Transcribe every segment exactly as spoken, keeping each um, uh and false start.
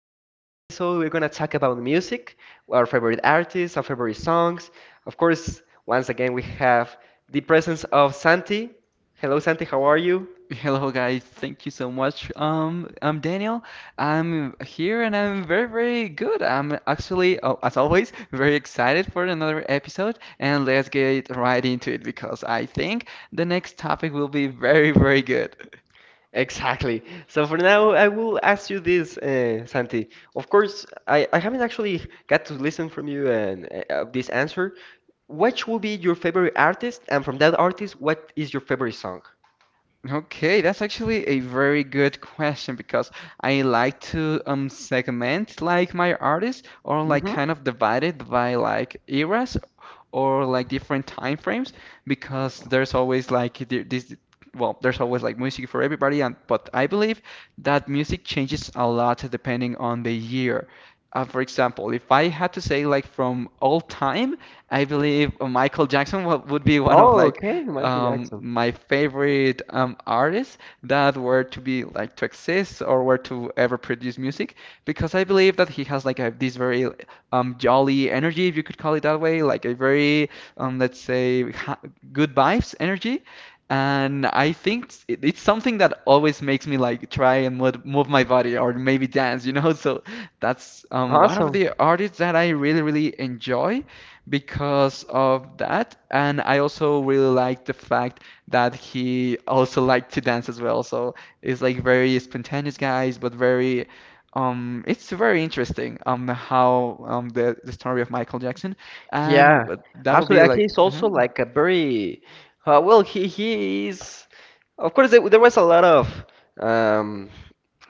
today's episode, we're going to talk about music, our favorite artists, our favorite songs. Of course, once again, we have the presence of Santi. Hello, Santi, how are you? Hello guys, thank you so much. Um, I'm Daniel. I'm here and I'm very, very good. I'm actually, oh, as always, very excited for another episode, and let's get right into it because I think the next topic will be very, very good. Exactly. So for now, I will ask you this, uh, Santi. Of course, I, I haven't actually got to listen from you and uh, uh, this answer. What will be your favorite artist, and from that artist, what is your favorite song? Okay, that's actually a very good question because I like to um segment like my artists, or like kind of divide it by like eras or like different time frames because there's always like the- this well, there's always like music for everybody, and but I believe that music changes a lot depending on the year. Uh, for example, if I had to say like from all time, I believe Michael Jackson wa- would be one of Oh, like okay, Michael um, Jackson. my favorite um, artists that were to be like to exist or were to ever produce music, because I believe that he has like a, this very um, jolly energy, if you could call it that way, like a very um, let's say ha good vibes energy. And I think it's it- it's something that always makes me like try and move, move my body or maybe dance, you know? So that's um, one of Awesome. the artists that I really, really enjoy because of that. And I also really like the fact that he also liked to dance as well. So it's like very spontaneous guys, but very um it's very interesting um how um the, the story of Michael Jackson and Yeah, uh, that would absolutely. be And like he's also mhm. like a very uh, well. He he is. Of course, there, there was a lot of um,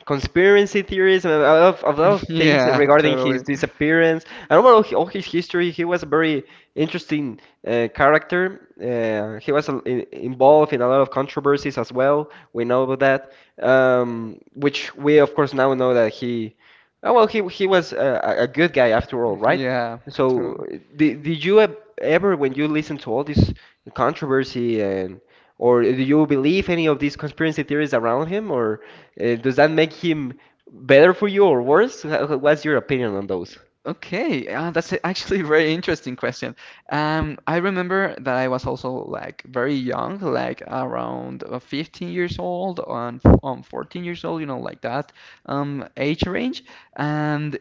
conspiracy theories and a lot of, a lot of things Yeah, regarding his totally. disappearance. And overall, he, all his history, he was a very interesting uh, character. Uh, he was uh, in, involved in a lot of controversies as well. We know about that, um, which we of course now know that he. Oh, well, he he was a, a a good guy after all, right? Yeah, So, totally. uh, did, did you ev- ever, when you listen to all this controversy and or do you believe any of these conspiracy theories around him, or uh, does that make him better for you or worse? Wha- wha- What's your opinion on those? Okay, uh, that's a- actually a very interesting question. Um, I remember that I was also like very young, like around uh, fifteen years old on on fourteen years old, you know, like that um, age range. And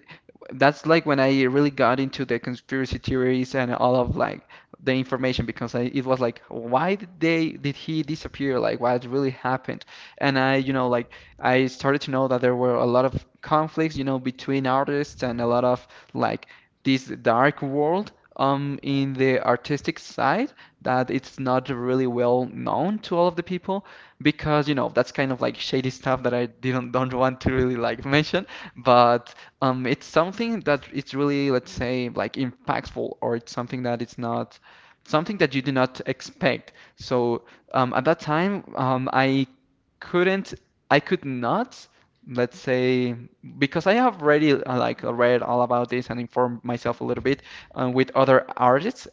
that's like when I really got into the conspiracy theories and all of like the information because I, it was like, why did they did he disappear? Like, what really happened? And I, you know, like I started to know that there were a lot of conflicts, you know, between artists and a lot of like this dark world um, in the artistic side that it's not really well known to all of the people, because you know that's kind of like shady stuff that I didn't don't want to really like mention, but um, it's something that it's really, let's say, like impactful, or it's something that it's not something that you do not expect. So um, at that time um, I couldn't I could not, let's say, because I have already uh, like read all about this and informed myself a little bit uh, with other artists,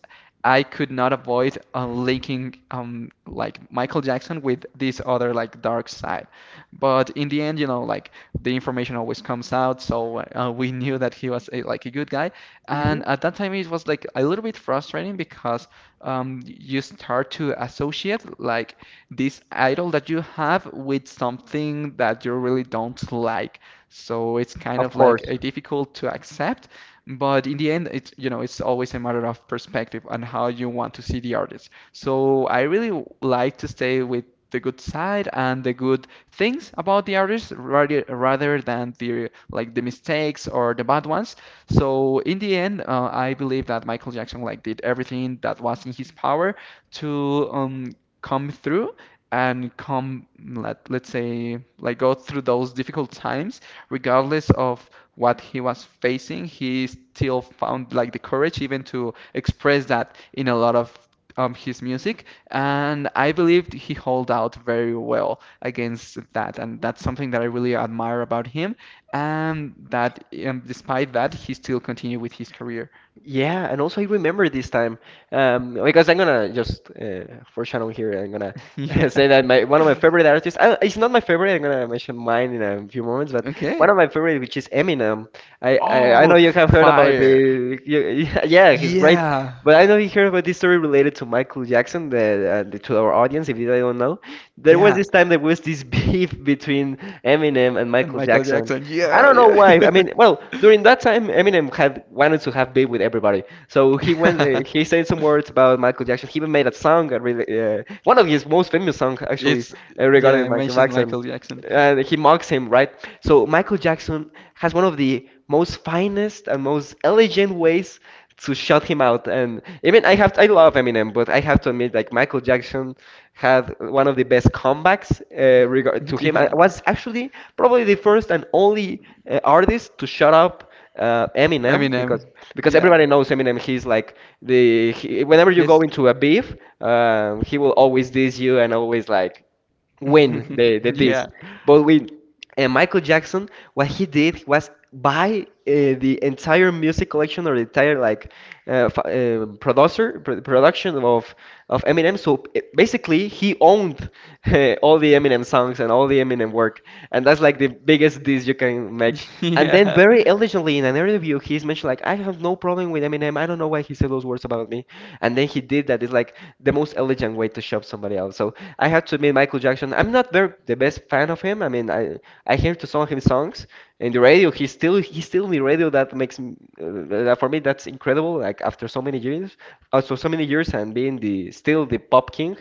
I could not avoid uh, linking um, like Michael Jackson with this other like dark side. But in the end, you know, like the information always comes out, so uh, we knew that he was a, like a good guy. Hmm. And at that time, it was like a little bit frustrating because um, you start to associate like this idol that you have with something that you really don't like. So it's kind Of of like course. uh, difficult to accept, but in the end, it's, you know, it's always a matter of perspective and how you want to see the artist. So I really like to stay with the good side and the good things about the artist rather rather than the like the mistakes or the bad ones. So in the end, uh, I believe that Michael Jackson like did everything that was in his power to um, come through and come, let, let's say, like go through those difficult times regardless of what he was facing. He still found like the courage even to express that in a lot of um, his music, and I believed he held out very well against that, and that's something that I really admire about him, and that um, despite that he still continued with his career. Yeah, and also I remember this time um, because I'm gonna just uh, foreshadow here. I'm gonna Yeah. say that my one of my favorite artists. Uh, it's not my favorite. I'm gonna mention mine in a few moments, but one Okay. of my favorite, which is Eminem. I I, I Oh, know you have heard about fire. the you, Yeah, he's great. Yeah. But I know you heard about this story related to Michael Jackson, the, uh, the, to our audience, if you don't know. There was Yeah. this time there was this beef between Eminem and And Michael Michael Jackson. Jackson. I Yeah, don't know yeah. why. I mean, well, during that time, Eminem had wanted to have beef with everybody. So he went, uh, he said some words about Michael Jackson. He even made a song, uh, really, uh, one of his most famous songs, actually, It's uh, yeah, regarding I Michael mentioned Jackson Michael Jackson. and he mocks him, right? So Michael Jackson has one of the most finest and most elegant ways to shut him out. And even I have, I love Eminem, but I have to admit, like Michael Jackson had one of the best comebacks uh, regard to him. I Yeah. was actually probably the first and only uh, artist to shut up uh, I mean, Eminem Eminem. because because Yeah. everybody knows Eminem. He's like the he, whenever you Yes. go into a beef, uh, he will always diss you and always like win the the Yeah. this. But with uh, Michael Jackson, what he did was buy uh, the entire music collection or the entire like uh, f uh, producer pr production of of Eminem. So uh, basically, he owned uh, all the Eminem songs and all the Eminem work, and that's like the biggest diss you can make. And then Yeah. very elegantly in an interview, he's mentioned like, I have no problem with Eminem. I don't know why he said those words about me. And then he did that. It's like the most elegant way to shove somebody else. So I have to admit, Michael Jackson. I'm not very the best fan of him. I mean, I I hear to some of his songs in the radio. He's still he's still in the radio. That makes m- uh, that for me that's incredible. Like after so many years, after so so many years, and being the still the pop king.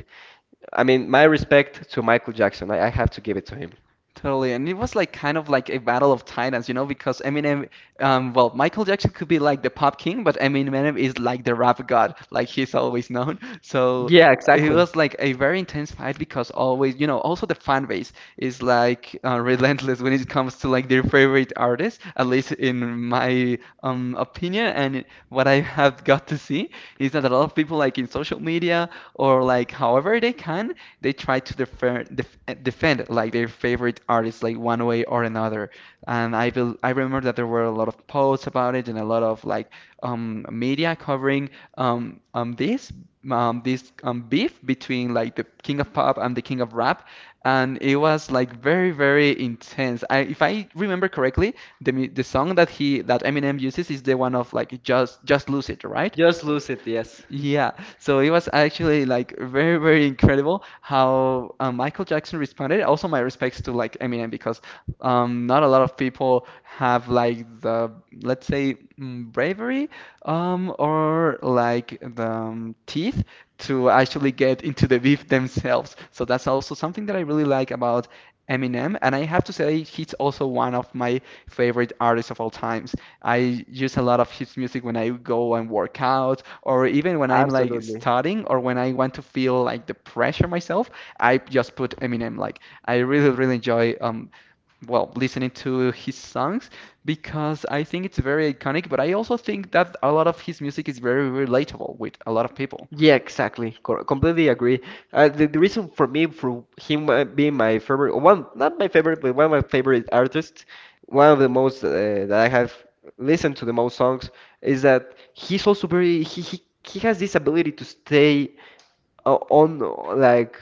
I mean, my respect to Michael Jackson. I, I have to give it to him. Totally, and it was like kind of like a battle of titans, you know, because Eminem, um, well, Michael Jackson could be like the pop king, but Eminem is like the rap god, like he's always known. So Yeah, it exactly. was like a very intense fight because always, you know, also the fan base is like uh, relentless when it comes to like their favorite artist, at least in my um opinion, and what I have got to see is that a lot of people like in social media or like however they can, they try to defer, def, eh, defend like their favorite artists like one way or another. And I will, I remember that there were a lot of posts about it and a lot of like um, media covering um, um, this um, this um, beef between like the king of pop and the king of rap, and it was like very, very intense. I, if I remember correctly, the mu- the song that he that Eminem uses is the one of like just just lose it, right? Just lose it. Yes. Yeah, so it was actually like very, very incredible how um, Michael Jackson responded. Also, my respects to like Eminem because um, not a lot of people have like the, let's say, mm, bravery, um, or like the um, teeth to actually get into the beef themselves. So that's also something that I really like about Eminem, and I have to say he's also one of my favorite artists of all time. I use a lot of his music when I go and work out, or even when I'm like Absolutely. studying, or when I want to feel like the pressure myself. I just put Eminem. Like I really, really enjoy um, well, listening to his songs because I think it's very iconic. But I also think that a lot of his music is very relatable with a lot of people. Yeah, exactly. Co- completely agree. Uh, the, the reason for me, for him uh, being my favorite, one, not my favorite, but one of my favorite artists, one of the most uh, that I have listened to the most songs, is that he's also very, he, he, he has this ability to stay uh, on, uh, like,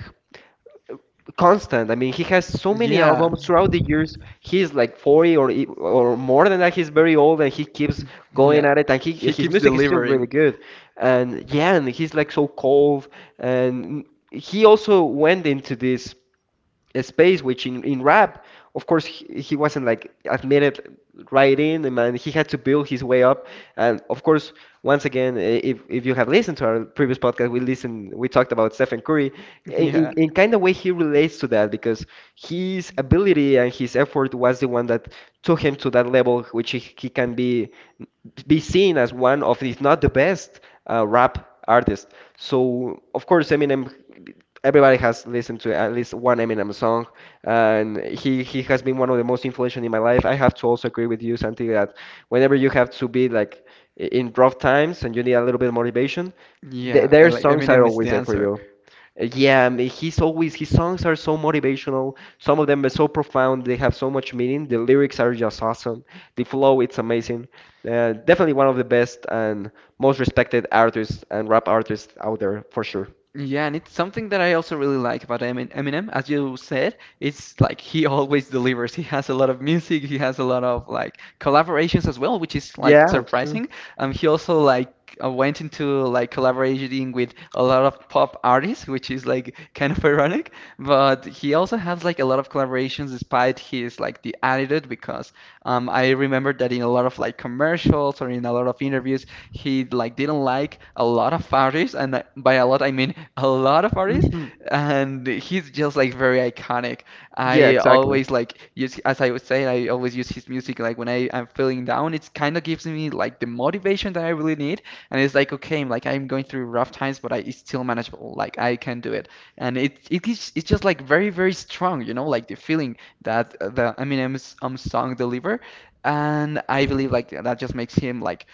constant. I mean, he has so many Yeah, albums throughout the years. He's like forty or e- or more than that. He's very old and he keeps going yeah, at it. And he he his keeps music is still really delivering. good. And yeah, and he's like so cold. And he also went into this space, which in, in rap, of course, he, he wasn't like admitted right in, and man, he had to build his way up. And of course, once again, if, if you have listened to our previous podcast, we listened, we talked about Stephen Curry. in, Yeah, in kind of way, he relates to that because his ability and his effort was the one that took him to that level, which he, he can be be seen as one of, if not the best, uh, rap artist. So of course Eminem, everybody has listened to at least one Eminem song, and he he has been one of the most influential in my life. I have to also agree with you, Santi, that whenever you have to be like in rough times and you need a little bit of motivation, th yeah. I their like songs are Eminem is always the there for answer. you. Uh, Yeah, I mean, he's always his songs are so motivational. Some of them are so profound. They have so much meaning. The lyrics are just awesome. The flow, it's amazing. Uh, definitely one of the best and most respected artists and rap artists out there for sure. Yeah, and it's something that I also really like about Emin- Eminem. As you said, it's like he always delivers. He has a lot of music, he has a lot of like collaborations as well, which is like Yeah, it's true. surprising. Um, he also like uh, went into like collaborating with a lot of pop artists, which is like kind of ironic. But he also has like a lot of collaborations despite his like the attitude, because um, I remember that in a lot of like commercials or in a lot of interviews he like didn't like a lot of artists, and I- by a lot I mean a lot of artists, Hmm. and he's just like very iconic. Yeah, I exactly. always like use, as I would say, I always use his music like when I am feeling down. It kind of gives me like the motivation that I really need, and it's like okay, like I'm going through rough times, but I it's still manageable. Like I can do it, and it it is it's just like very, very strong, you know, like the feeling that uh, the Eminem's um song deliver, and I believe like that just makes him like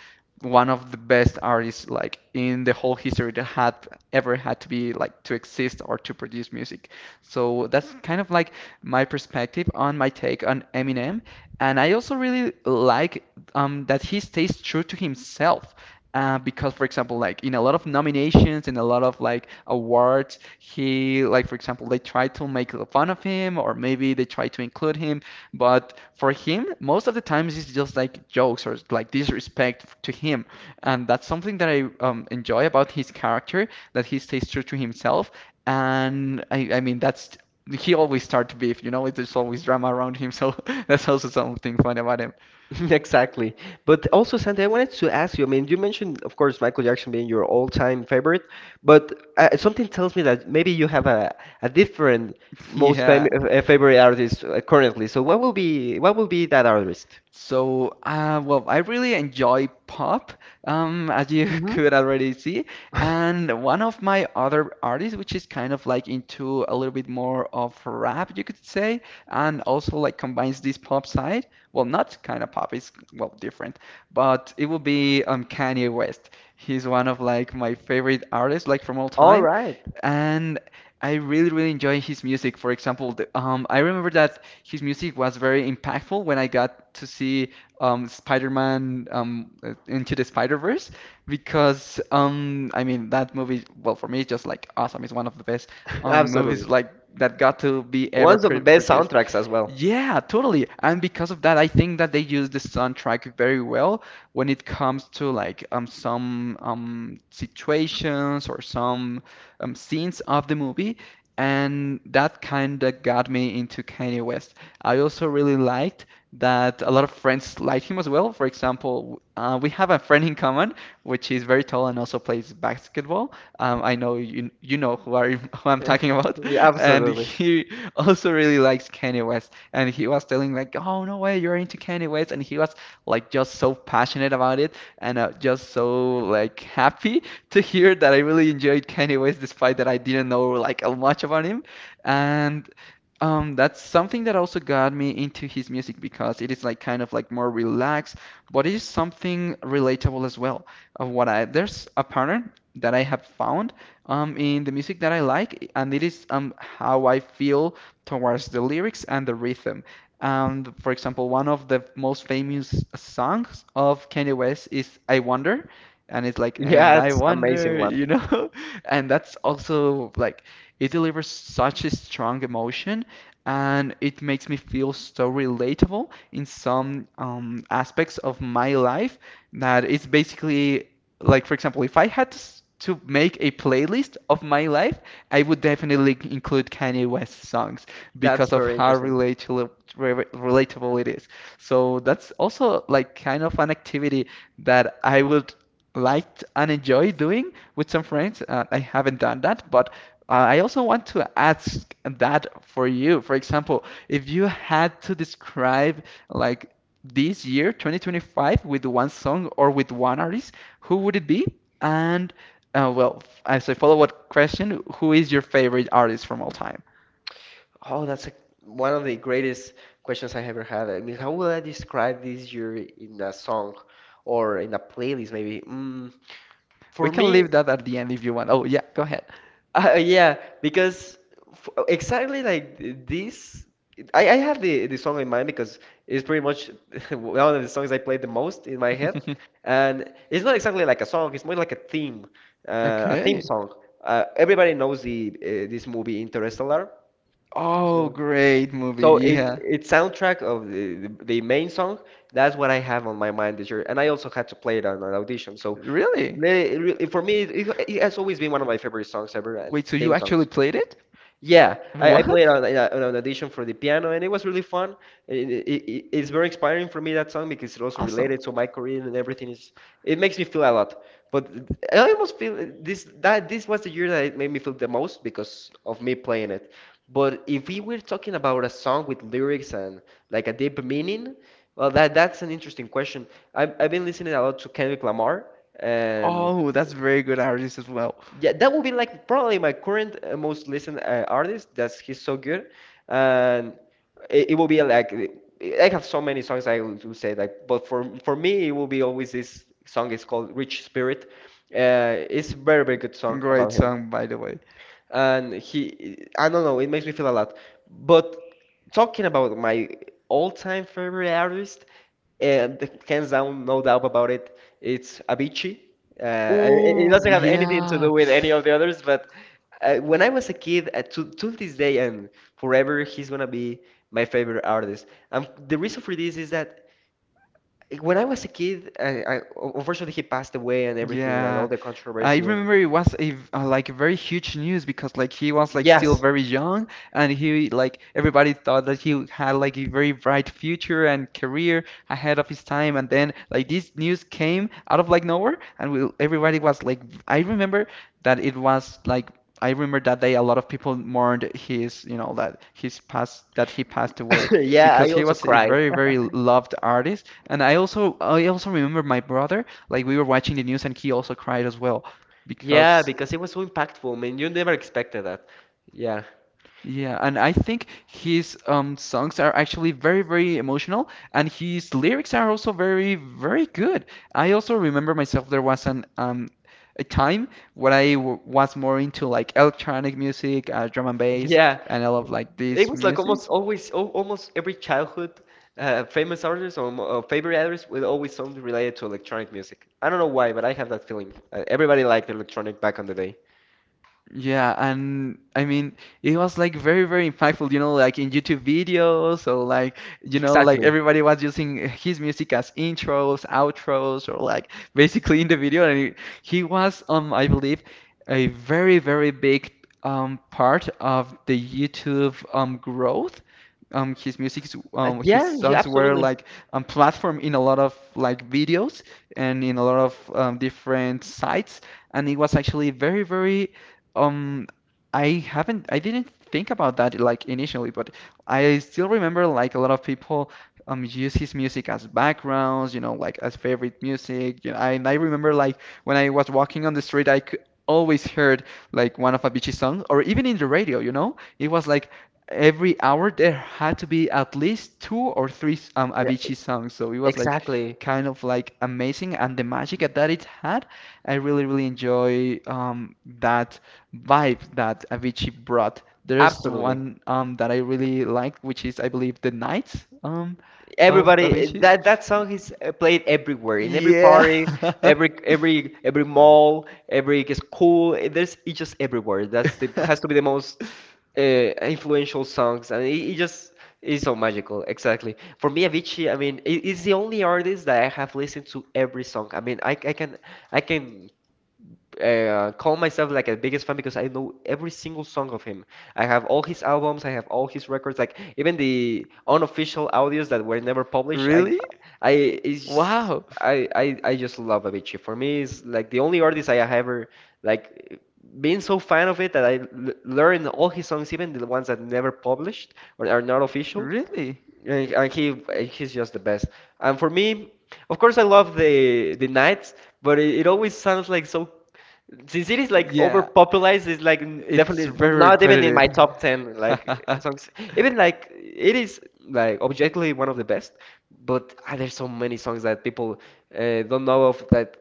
one of the best artists like in the whole history that had ever had to be like to exist or to produce music. So that's kind of like my perspective on my take on Eminem. And I also really like um, that he stays true to himself. Uh, because, for example, like in a lot of nominations and a lot of like awards, he like, for example, they try to make fun of him, or maybe they try to include him, but for him, most of the times it's just like jokes or like disrespect to him. And that's something that I um, enjoy about his character, that he stays true to himself. And I, I mean, that's he always starts beef, you know, there's always drama around him. So that's also something fun about him. Exactly. But also, Santi, I wanted to ask you. I mean, you mentioned, of course, Michael Jackson being your all-time favorite, but uh, something tells me that maybe you have a, a different most fam Yeah. uh, uh, favorite artist uh, currently. So what will be what will be that artist? So, uh, well, I really enjoy pop, um, as you Hmm. could already see. And one of my other artists, which is kind of like into a little bit more of rap, you could say, and also like combines this pop side. Well, not kind of pop, it's well different, but it would be um, Kanye West. He's one of like my favorite artists, like from all All time. right. And I really, really enjoy his music. For example, the, um, I remember that his music was very impactful when I got to see um, Spider-Man um, uh, Into the Spider-Verse because um, I mean that movie, well, for me, it's just like awesome. It's one of the best um, Absolutely. movies like that got to be One ever of the pr best produced. soundtracks as well. Yeah, totally. And because of that, I think that they use the soundtrack very well when it comes to like um some um situations or some um scenes of the movie, and that kind of got me into Kanye West. I also really liked that a lot of friends like him as well. For example, uh, we have a friend in common, which is very tall and also plays basketball. Um, I know you you know who are who I'm talking about, Yeah, and absolutely. he also really likes Kanye West. And he was telling like, "Oh no way, you're into Kanye West," and he was like just so passionate about it and uh, just so like happy to hear that I really enjoyed Kanye West despite that I didn't know like a much about him. And um, that's something that also got me into his music because it is like kind of like more relaxed, but it is something relatable as well. Of what I, there's a pattern that I have found um in the music that I like, and it is um how I feel towards the lyrics and the rhythm. Um, for example, one of the most famous songs of Kanye West is "I Wonder," and it's like "And Yeah, I it's amazing Wonder," one. you know, and that's also like it delivers such a strong emotion, and it makes me feel so relatable in some um, aspects of my life, that it's basically like, for example, if I had to, s- to make a playlist of my life, I would definitely include Kanye West songs That's because of very how interesting. relatable relatable it is. So that's also like kind of an activity that I would like and enjoy doing with some friends. Uh, I haven't done that, but uh, I also want to ask that for you. For example, if you had to describe like this year, twenty twenty-five, with one song or with one artist, who would it be? And uh, well, as a follow-up question, who is your favorite artist from all time? Oh, that's a, one of the greatest questions I ever had. I mean, how will I describe this year in a song or in a playlist maybe? Mm, for We can me, leave that at the end if you want. Oh, yeah, go ahead. Uh, yeah, because f exactly like th- this, I, I have the, the song in mind because it's pretty much one of the songs I play the most in my head, and it's not exactly like a song. It's more like a theme, uh, a theme Okay. song. Uh, everybody knows the uh, this movie Interstellar. Oh, So, great movie. so it Yeah. it's soundtrack of the, the the main song. That's what I have on my mind this year, and I also had to play it on an audition. So uh, Really? le- re- for me, it, it, it has always been one of my favorite songs ever and Wait, so you theme actually songs. played it? Yeah, I, I played What? on, uh, on an audition for the piano, and it was really fun. It, it, it- it's very inspiring for me that song because it's also Awesome. related to my career and everything is. It makes me feel a lot. But I almost feel this that this was the year that it made me feel the most because of me playing it. But if we were talking about a song with lyrics and like a deep meaning, well, that that's an interesting question. I've I've been listening a lot to Kendrick Lamar and. Oh, that's very good artist as well. Yeah, that would be like probably my current uh, most listened uh, artist. That's he's so good, and it, it will be like I have so many songs I would would say like, but for for me it will be always this song. It's called "Rich Spirit." Uh, it's a very very good song Great about him, song, by the way. and he I don't know it makes me feel a lot. But talking about my all-time favorite artist, and the hands down, no doubt about it, it's Avicii. Uh, and it it Oh, doesn't have anything to yeah. do with any of the others, but uh, when I was a kid, uh, to, to this day and forever, he's gonna be my favorite artist. Um, the reason for this is that when I was a kid, I, I, unfortunately he passed away and everything and all Yeah. the I controversy and remember it was a v- uh, like very huge news because like he was like still yes, very young, and he like everybody thought that he had like a very bright future and career ahead of his time, and then like this news came out of like nowhere, and we, everybody was like I remember that it was like I remember that day a lot of people mourned his, you know that his past, that he passed away. Yeah. yeah, Because I he also was a cried. very very loved artist, and i also i also remember my brother, like we were watching the news, and he also cried as well Yeah, because because it was so impactful, man. You never expected that. Yeah. yeah, and I think his um songs are actually very very emotional, and his lyrics are also very very good. I also remember myself there was an um a time when I w was more into like electronic music, uh, drum and bass, Yeah. and I love like It this was like music. almost always, al- almost every childhood uh, famous artist or mo- uh, favorite artist with always something related to electronic music. I don't know why, but I have that feeling. Uh, everybody liked electronic back on the day. Yeah, and I mean, it was like very, very impactful, you know, like in YouTube videos or like, you know, like Exactly. everybody was using his music as intros, outros, or like basically in the video. And he, he was, um, I believe, a very, very big um part of the YouTube um growth. Um, his music, Uh, um, his yeah, yeah, songs were absolutely. like um platform in a lot of like videos and in a lot of um, different sites, and it was actually very very um, I haven't, I didn't think about that like initially, but I still remember like a lot of people um use his music as backgrounds, you know, like as favorite music. You know, I, and I remember like when I was walking on the street, I could always heard like one of Avicii's songs, or even in the radio, you know, it was like every hour there had to be at least two or three um Yeah, Avicii e- songs. So it was like exactly. kind of like amazing, and the magic that it had. I really, really enjoy um, that vibe that Avicii brought. There's Absolutely. one, um, that I really liked, which is, I believe, The nights, um, of Everybody, Avicii. that that song is uh, played everywhere, in every Yeah. party, every every every mall, every school, eh, there's, it's just everywhere. That's the, has to be the most uh, influential songs, and it, it just is so magical. Exactly, for me, Avicii, I mean, it, it's the only artist that I have listened to every song. I mean, I, I can I can uh, call myself like a biggest fan because I know every single song of him. I have all his albums, I have all his records, like even the unofficial audios that were never published. I, Really? I, it's, Wow. I, I, I just love Avicii. For me, it's like the only artist I have ever like been so fan of it that I l learned all his songs, even the ones that never published or are not official. Really? And, and he, he's just the best. And for me, of course, I love the the nights, but it, it always sounds like so, since it is like Yeah, overpopularized, it's like n- it's definitely very not even in repetitive. my top ten like songs. Even like it is like objectively one of the best, but ah, there's so many songs that people uh, don't know of that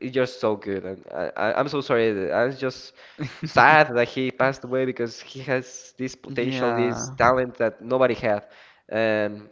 it's just so good. And I, I, I'm so sorry that- I was just sad that he passed away because he has this potential, this Yeah. talent that nobody had. Um,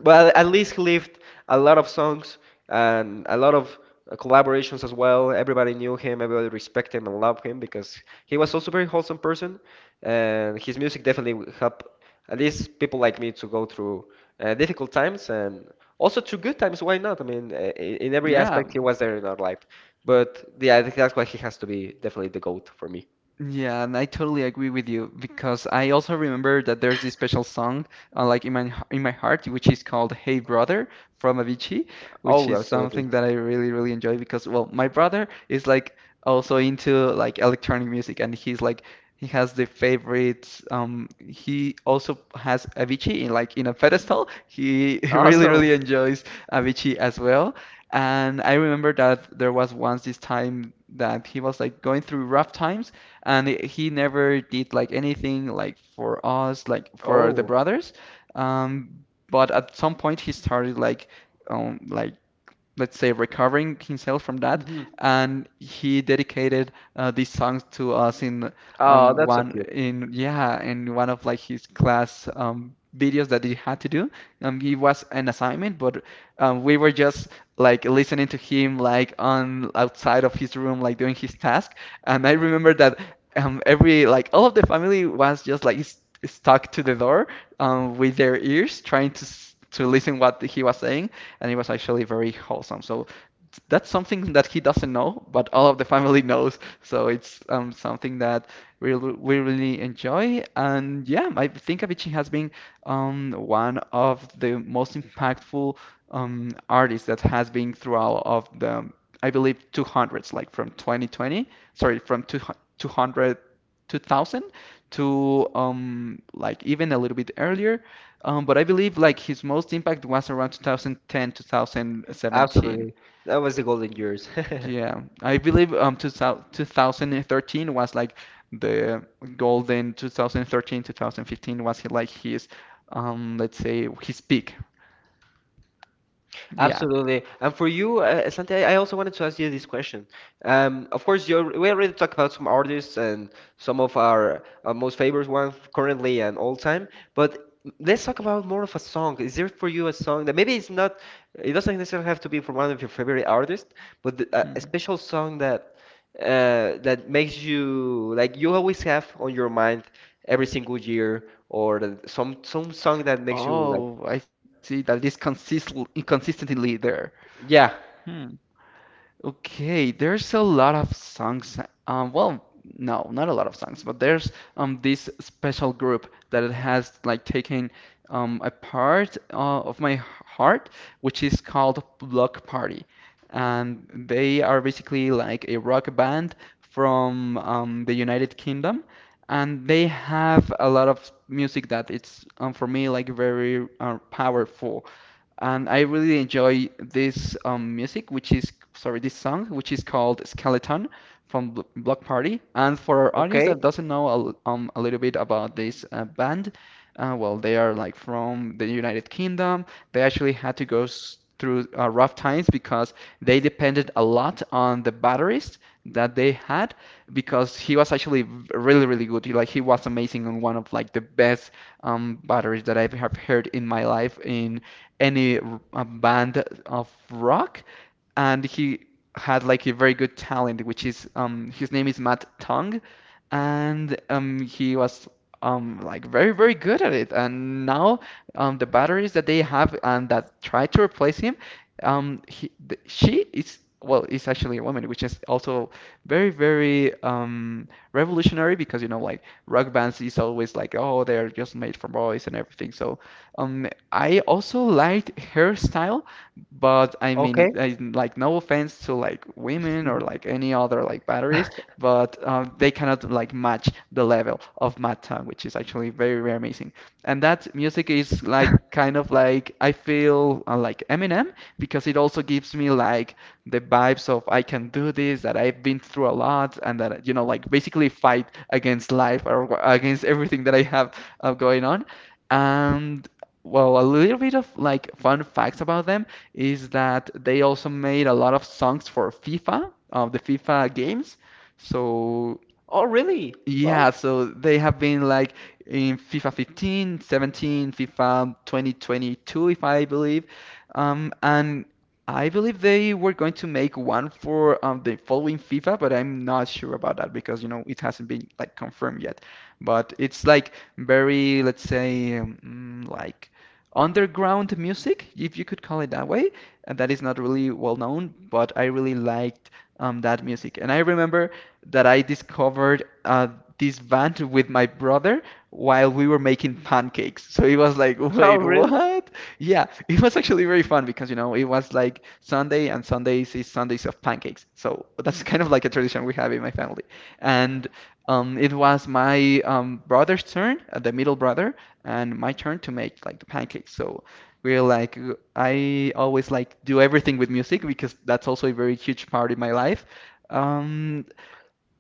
but at least he lived a lot of songs and a lot of uh, collaborations as well. Everybody knew him, everybody respected him and loved him because he was also a very wholesome person, and his music definitely helped at least people like me to go through uh, difficult times and also through good times. Why not? I mean, uh, in, in every Yeah. aspect, he was there in our life. But yeah, I think that's why he has to be definitely the goat for me. Yeah, and I totally agree with you because I also remember that there's this special song, uh, like in my in my heart, which is called "Hey Brother" from Avicii, which Oh, is absolutely. something that I really really enjoy because well, my brother is like also into like electronic music, and he's like he has the favorites. Um, he also has Avicii in like in a pedestal. He really Awesome. really enjoys Avicii as well. And I remember that there was once this time that he was like going through rough times, and i- he never did like anything like for us, like for the Oh. brothers. Um, but at some point he started like um like let's say recovering himself from that, Hmm. and he dedicated, uh, these songs to us in Oh, um that's so one cute. in yeah in one of like his class um videos that he had to do. Um it was an assignment, but um we were just like listening to him like on outside of his room like doing his task, and I remember that um every like all of the family was just like s- stuck to the door um with their ears trying to s- to listen what he was saying, and it was actually very wholesome. So that's something that he doesn't know, but all of the family knows. So it's um, something that we we really enjoy. And yeah, I think Avicii has been, um, one of the most impactful um, artists that has been throughout of the I believe two hundreds, like from twenty twenty, sorry, from two hundred, two thousand to um like even a little bit earlier, um, but I believe like his most impact was around two thousand ten, two thousand seventeen. Absolutely. That was the golden years. Yeah, I believe um twenty thirteen was like the golden two thousand thirteen, two thousand fifteen was like his, um let's say his peak. Yeah. Absolutely. And for you, uh, Santi, I I also wanted to ask you this question. Um, of course, you we already talked about some artists and some of our uh, most favorite ones currently and all time, but let's talk about more of a song. Is there for you a song that maybe it's not, it doesn't necessarily have to be from one of your favorite artists, but th- a, a Mhm. special song that uh, that makes you like you always have on your mind every single year, or that- some some song that makes you like, Oh, I see that is consist consistently there. yeah, Hmm. Okay, there's a lot of songs. Um, well, no, not a lot of songs, but there's um this special group that it has like taken um a part uh, of my heart, which is called Block Party, and they are basically like a rock band from, um, the United Kingdom, and they have a lot of music that it's um, for me like very uh, powerful, and I really enjoy this um, music, which is sorry, this song, which is called Skeleton from Bl Block Party. And for our audience okay, that doesn't know a, l- um, a little bit about this uh, band, uh, well, they are like from the United Kingdom. They actually had to go s through uh, rough times because they depended a lot on the batterist that they had because he was actually v- really really good. He, like he was amazing and one of like the best, um, batteries that I have heard in my life in any r- a band of rock, and he had like a very good talent. Which is um, his name is Matt Tong, and um, he was um, like very very good at it. And now um, the batteries that they have and that try to replace him. Um, he, th she is well, is actually a woman, which is also very very um, revolutionary because you know like rock bands is always like oh they're just made for boys and everything. So um, I also liked her style, but I mean, okay. it- I, like no offense to like women or like any other like batteries, but um, they cannot like match the level of Mad, which is actually very very amazing. And that music is like kind of like I feel uh, like Eminem because it also gives me like the vibes of I can do this, that I've been through a lot, and that you know like basically fight against life, or wh- against everything that I have uh, going on. And well, a little bit of like fun facts about them is that they also made a lot of songs for FIFA, of the FIFA games. So Oh, really? yeah, Wow. so they have been like in FIFA fifteen, seventeen, FIFA twenty twenty-two, if I believe. Um, and I believe they were going to make one for um, the following FIFA, but I'm not sure about that because, you know, it hasn't been like confirmed yet. But it's like very, let's say, um, like underground music, if you could call it that way. And that is not really well known, but I really liked um, that music. And I remember that I discovered uh, this band with my brother while we were making pancakes. So it was like, wait, Oh, really? what? Yeah, it was actually very fun because, you know, it was like Sunday and Sundays is Sundays of pancakes. So that's kind of like a tradition we have in my family. And um, It was my um, brother's turn, uh, the middle brother, and my turn to make like the pancakes. So we're like, I always like do everything with music because that's also a very huge part in my life. Um,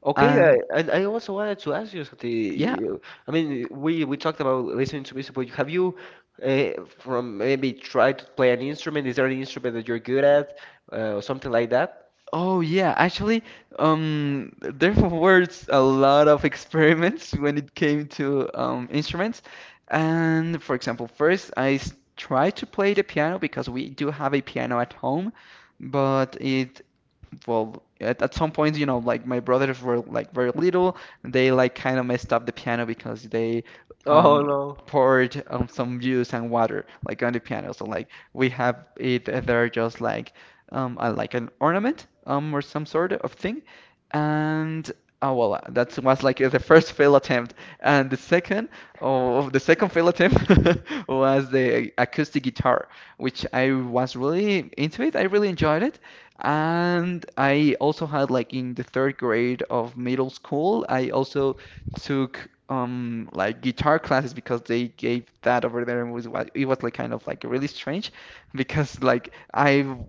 Okay, uh, and and I also wanted to ask you, yeah. Scotty, I mean, we we talked about listening to music, but have you uh, from maybe tried to play an instrument? Is there an instrument that you're good at, uh, or something like that? Oh yeah, actually, um, there were a lot of experiments when it came to um, instruments. And for example, first I s- tried to play the piano because we do have a piano at home, but it, well at, at some point, you know, like my brothers were like very little, they like kind of messed up the piano because they Oh um no. poured um, some juice and water like on the piano. So like we have it there just like um uh, like an ornament, um or some sort of thing. And oh well, uh, that was like the first fail attempt, and the second, oh, the second fail attempt was the acoustic guitar, which I was really into it. I really enjoyed it, and I also had like in the third grade of middle school, I also took um like guitar classes because they gave that over there, and was what it was like kind of like really strange because like I w-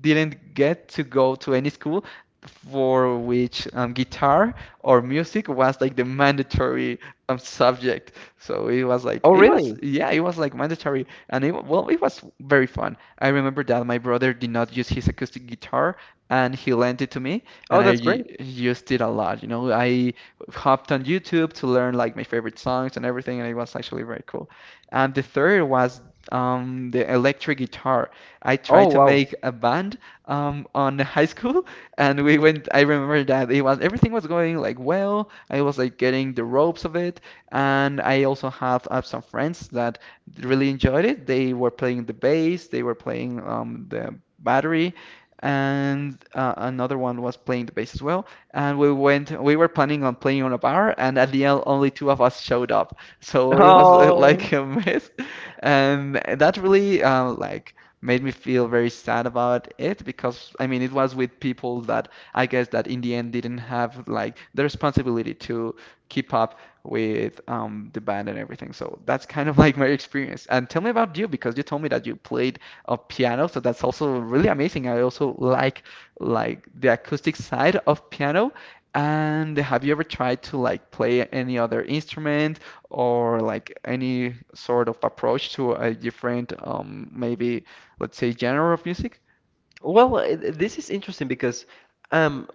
didn't get to go to any school for which um, guitar or music was like the mandatory um, subject. So it was like, Oh, it was, really? yeah, it was like mandatory and it wa- well, it was very fun. I remember that my brother did not use his acoustic guitar and he lent it to me Oh, and I that's u- great. used it a lot. You know, I hopped on YouTube to learn like my favorite songs and everything, and it was actually very cool. And the third was um, the electric guitar. I Oh, tried to wow. make a band um, on high school, and we went, I remember that it was, everything was going like well. I was like getting the ropes of it, and I also had uh, some friends that really enjoyed it. They were playing the bass, they were playing um, the battery, and uh, another one was playing the bass as well. And we went, we were planning on playing on a bar, and at the end, only two of us showed up. So it was uh, Oh. like a mess, and that really uh, like made me feel very sad about it, because I mean it was with people that I guess that in the end didn't have like the responsibility to keep up with um, the band and everything. So that's kind of like my experience. And tell me about you, because you told me that you played a piano, so that's also really amazing. I also like like the acoustic side of piano. And have you ever tried to like play any other instrument or like any sort of approach to a different um maybe, let's say, genre of music? Well, uh, this is interesting because um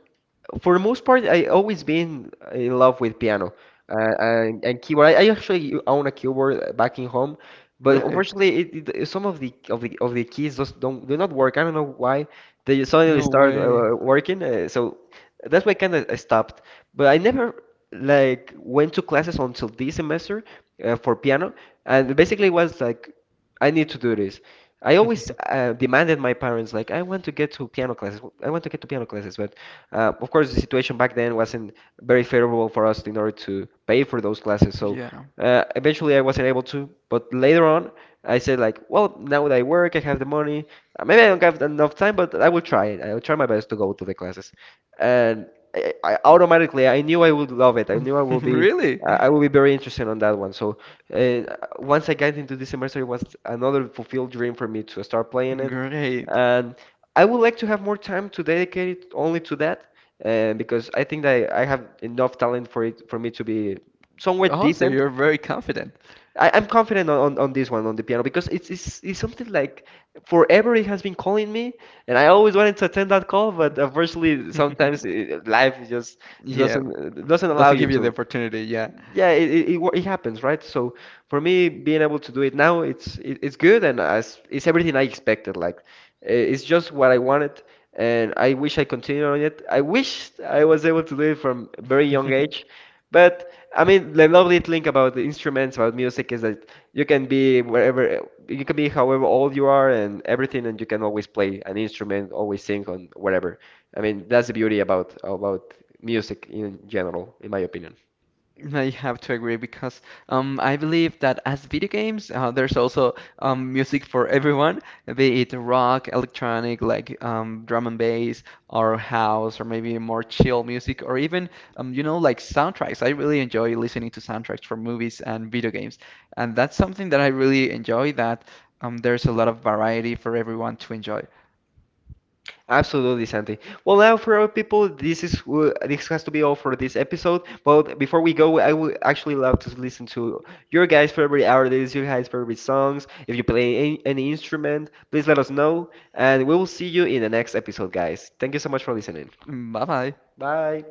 for the most part, I always been in love with piano uh, and, and keyboard. I, I actually own a keyboard uh, back in home, but Really? unfortunately, it, it, some of the of the of the keys just don't do not work. I don't know why they suddenly No start way. uh, working. Uh, so that's why kind of stopped. But I never like went to classes until this semester uh, for piano, and basically it was like I need to do this. I always uh, demanded my parents like I want to get to piano classes. I want to get to piano classes, but. Uh, of course, the situation back then wasn't very favorable for us in order to pay for those classes. So Yeah. uh, eventually, I wasn't able to. But later on, I said like, well, now that I work, I have the money. Uh, Maybe I don't have enough time, but I will try it. I will try my best to go to the classes. And I, I automatically, I knew I would love it. I knew I would be. Really? I I would be very interested on that one. So, uh, once I got into this semester, it was another fulfilled dream for me to start playing it. Great. And I would like to have more time to dedicate it only to that, uh, because I think that I I have enough talent for it for me to be somewhat Oh, so decent. you're very confident. I, I'm confident on, on, on this one on the piano because it's, it's it's something like forever it has been calling me, and I always wanted to attend that call, but unfortunately sometimes uh, life just Yeah, doesn't doesn't allow doesn't you give you the to opportunity, yeah. yeah, it, it, it wa- it happens, right? So for me, being able to do it now, it's it, it's good and as it's everything I expected. Like uh, it's just what I wanted, and I wish I continued on it. I wish I was able to do it from a very young age. But I mean, the lovely thing about the instruments, about music, is that you can be wherever, you can be however old you are and everything, and you can always play an instrument, always sing on whatever. I mean, that's the beauty about about music in general, in my opinion. I have to agree because um, I believe that as video games, uh, there's also um, music for everyone, be it rock, electronic, like um, drum and bass, or house, or maybe more chill music, or even um, you know like soundtracks. I really enjoy listening to soundtracks for movies and video games, and that's something that I really enjoy. That um, there's a lot of variety for everyone to enjoy. Absolutely, Santi. Well, now for our people, this is w- this has to be all for this episode. But before we go, I would actually love to listen to your guys' favorite artists, your guys' favorite songs. If you play any, any instrument, please let us know, and we will see you in the next episode, guys. Thank you so much for listening. Bye bye. Bye.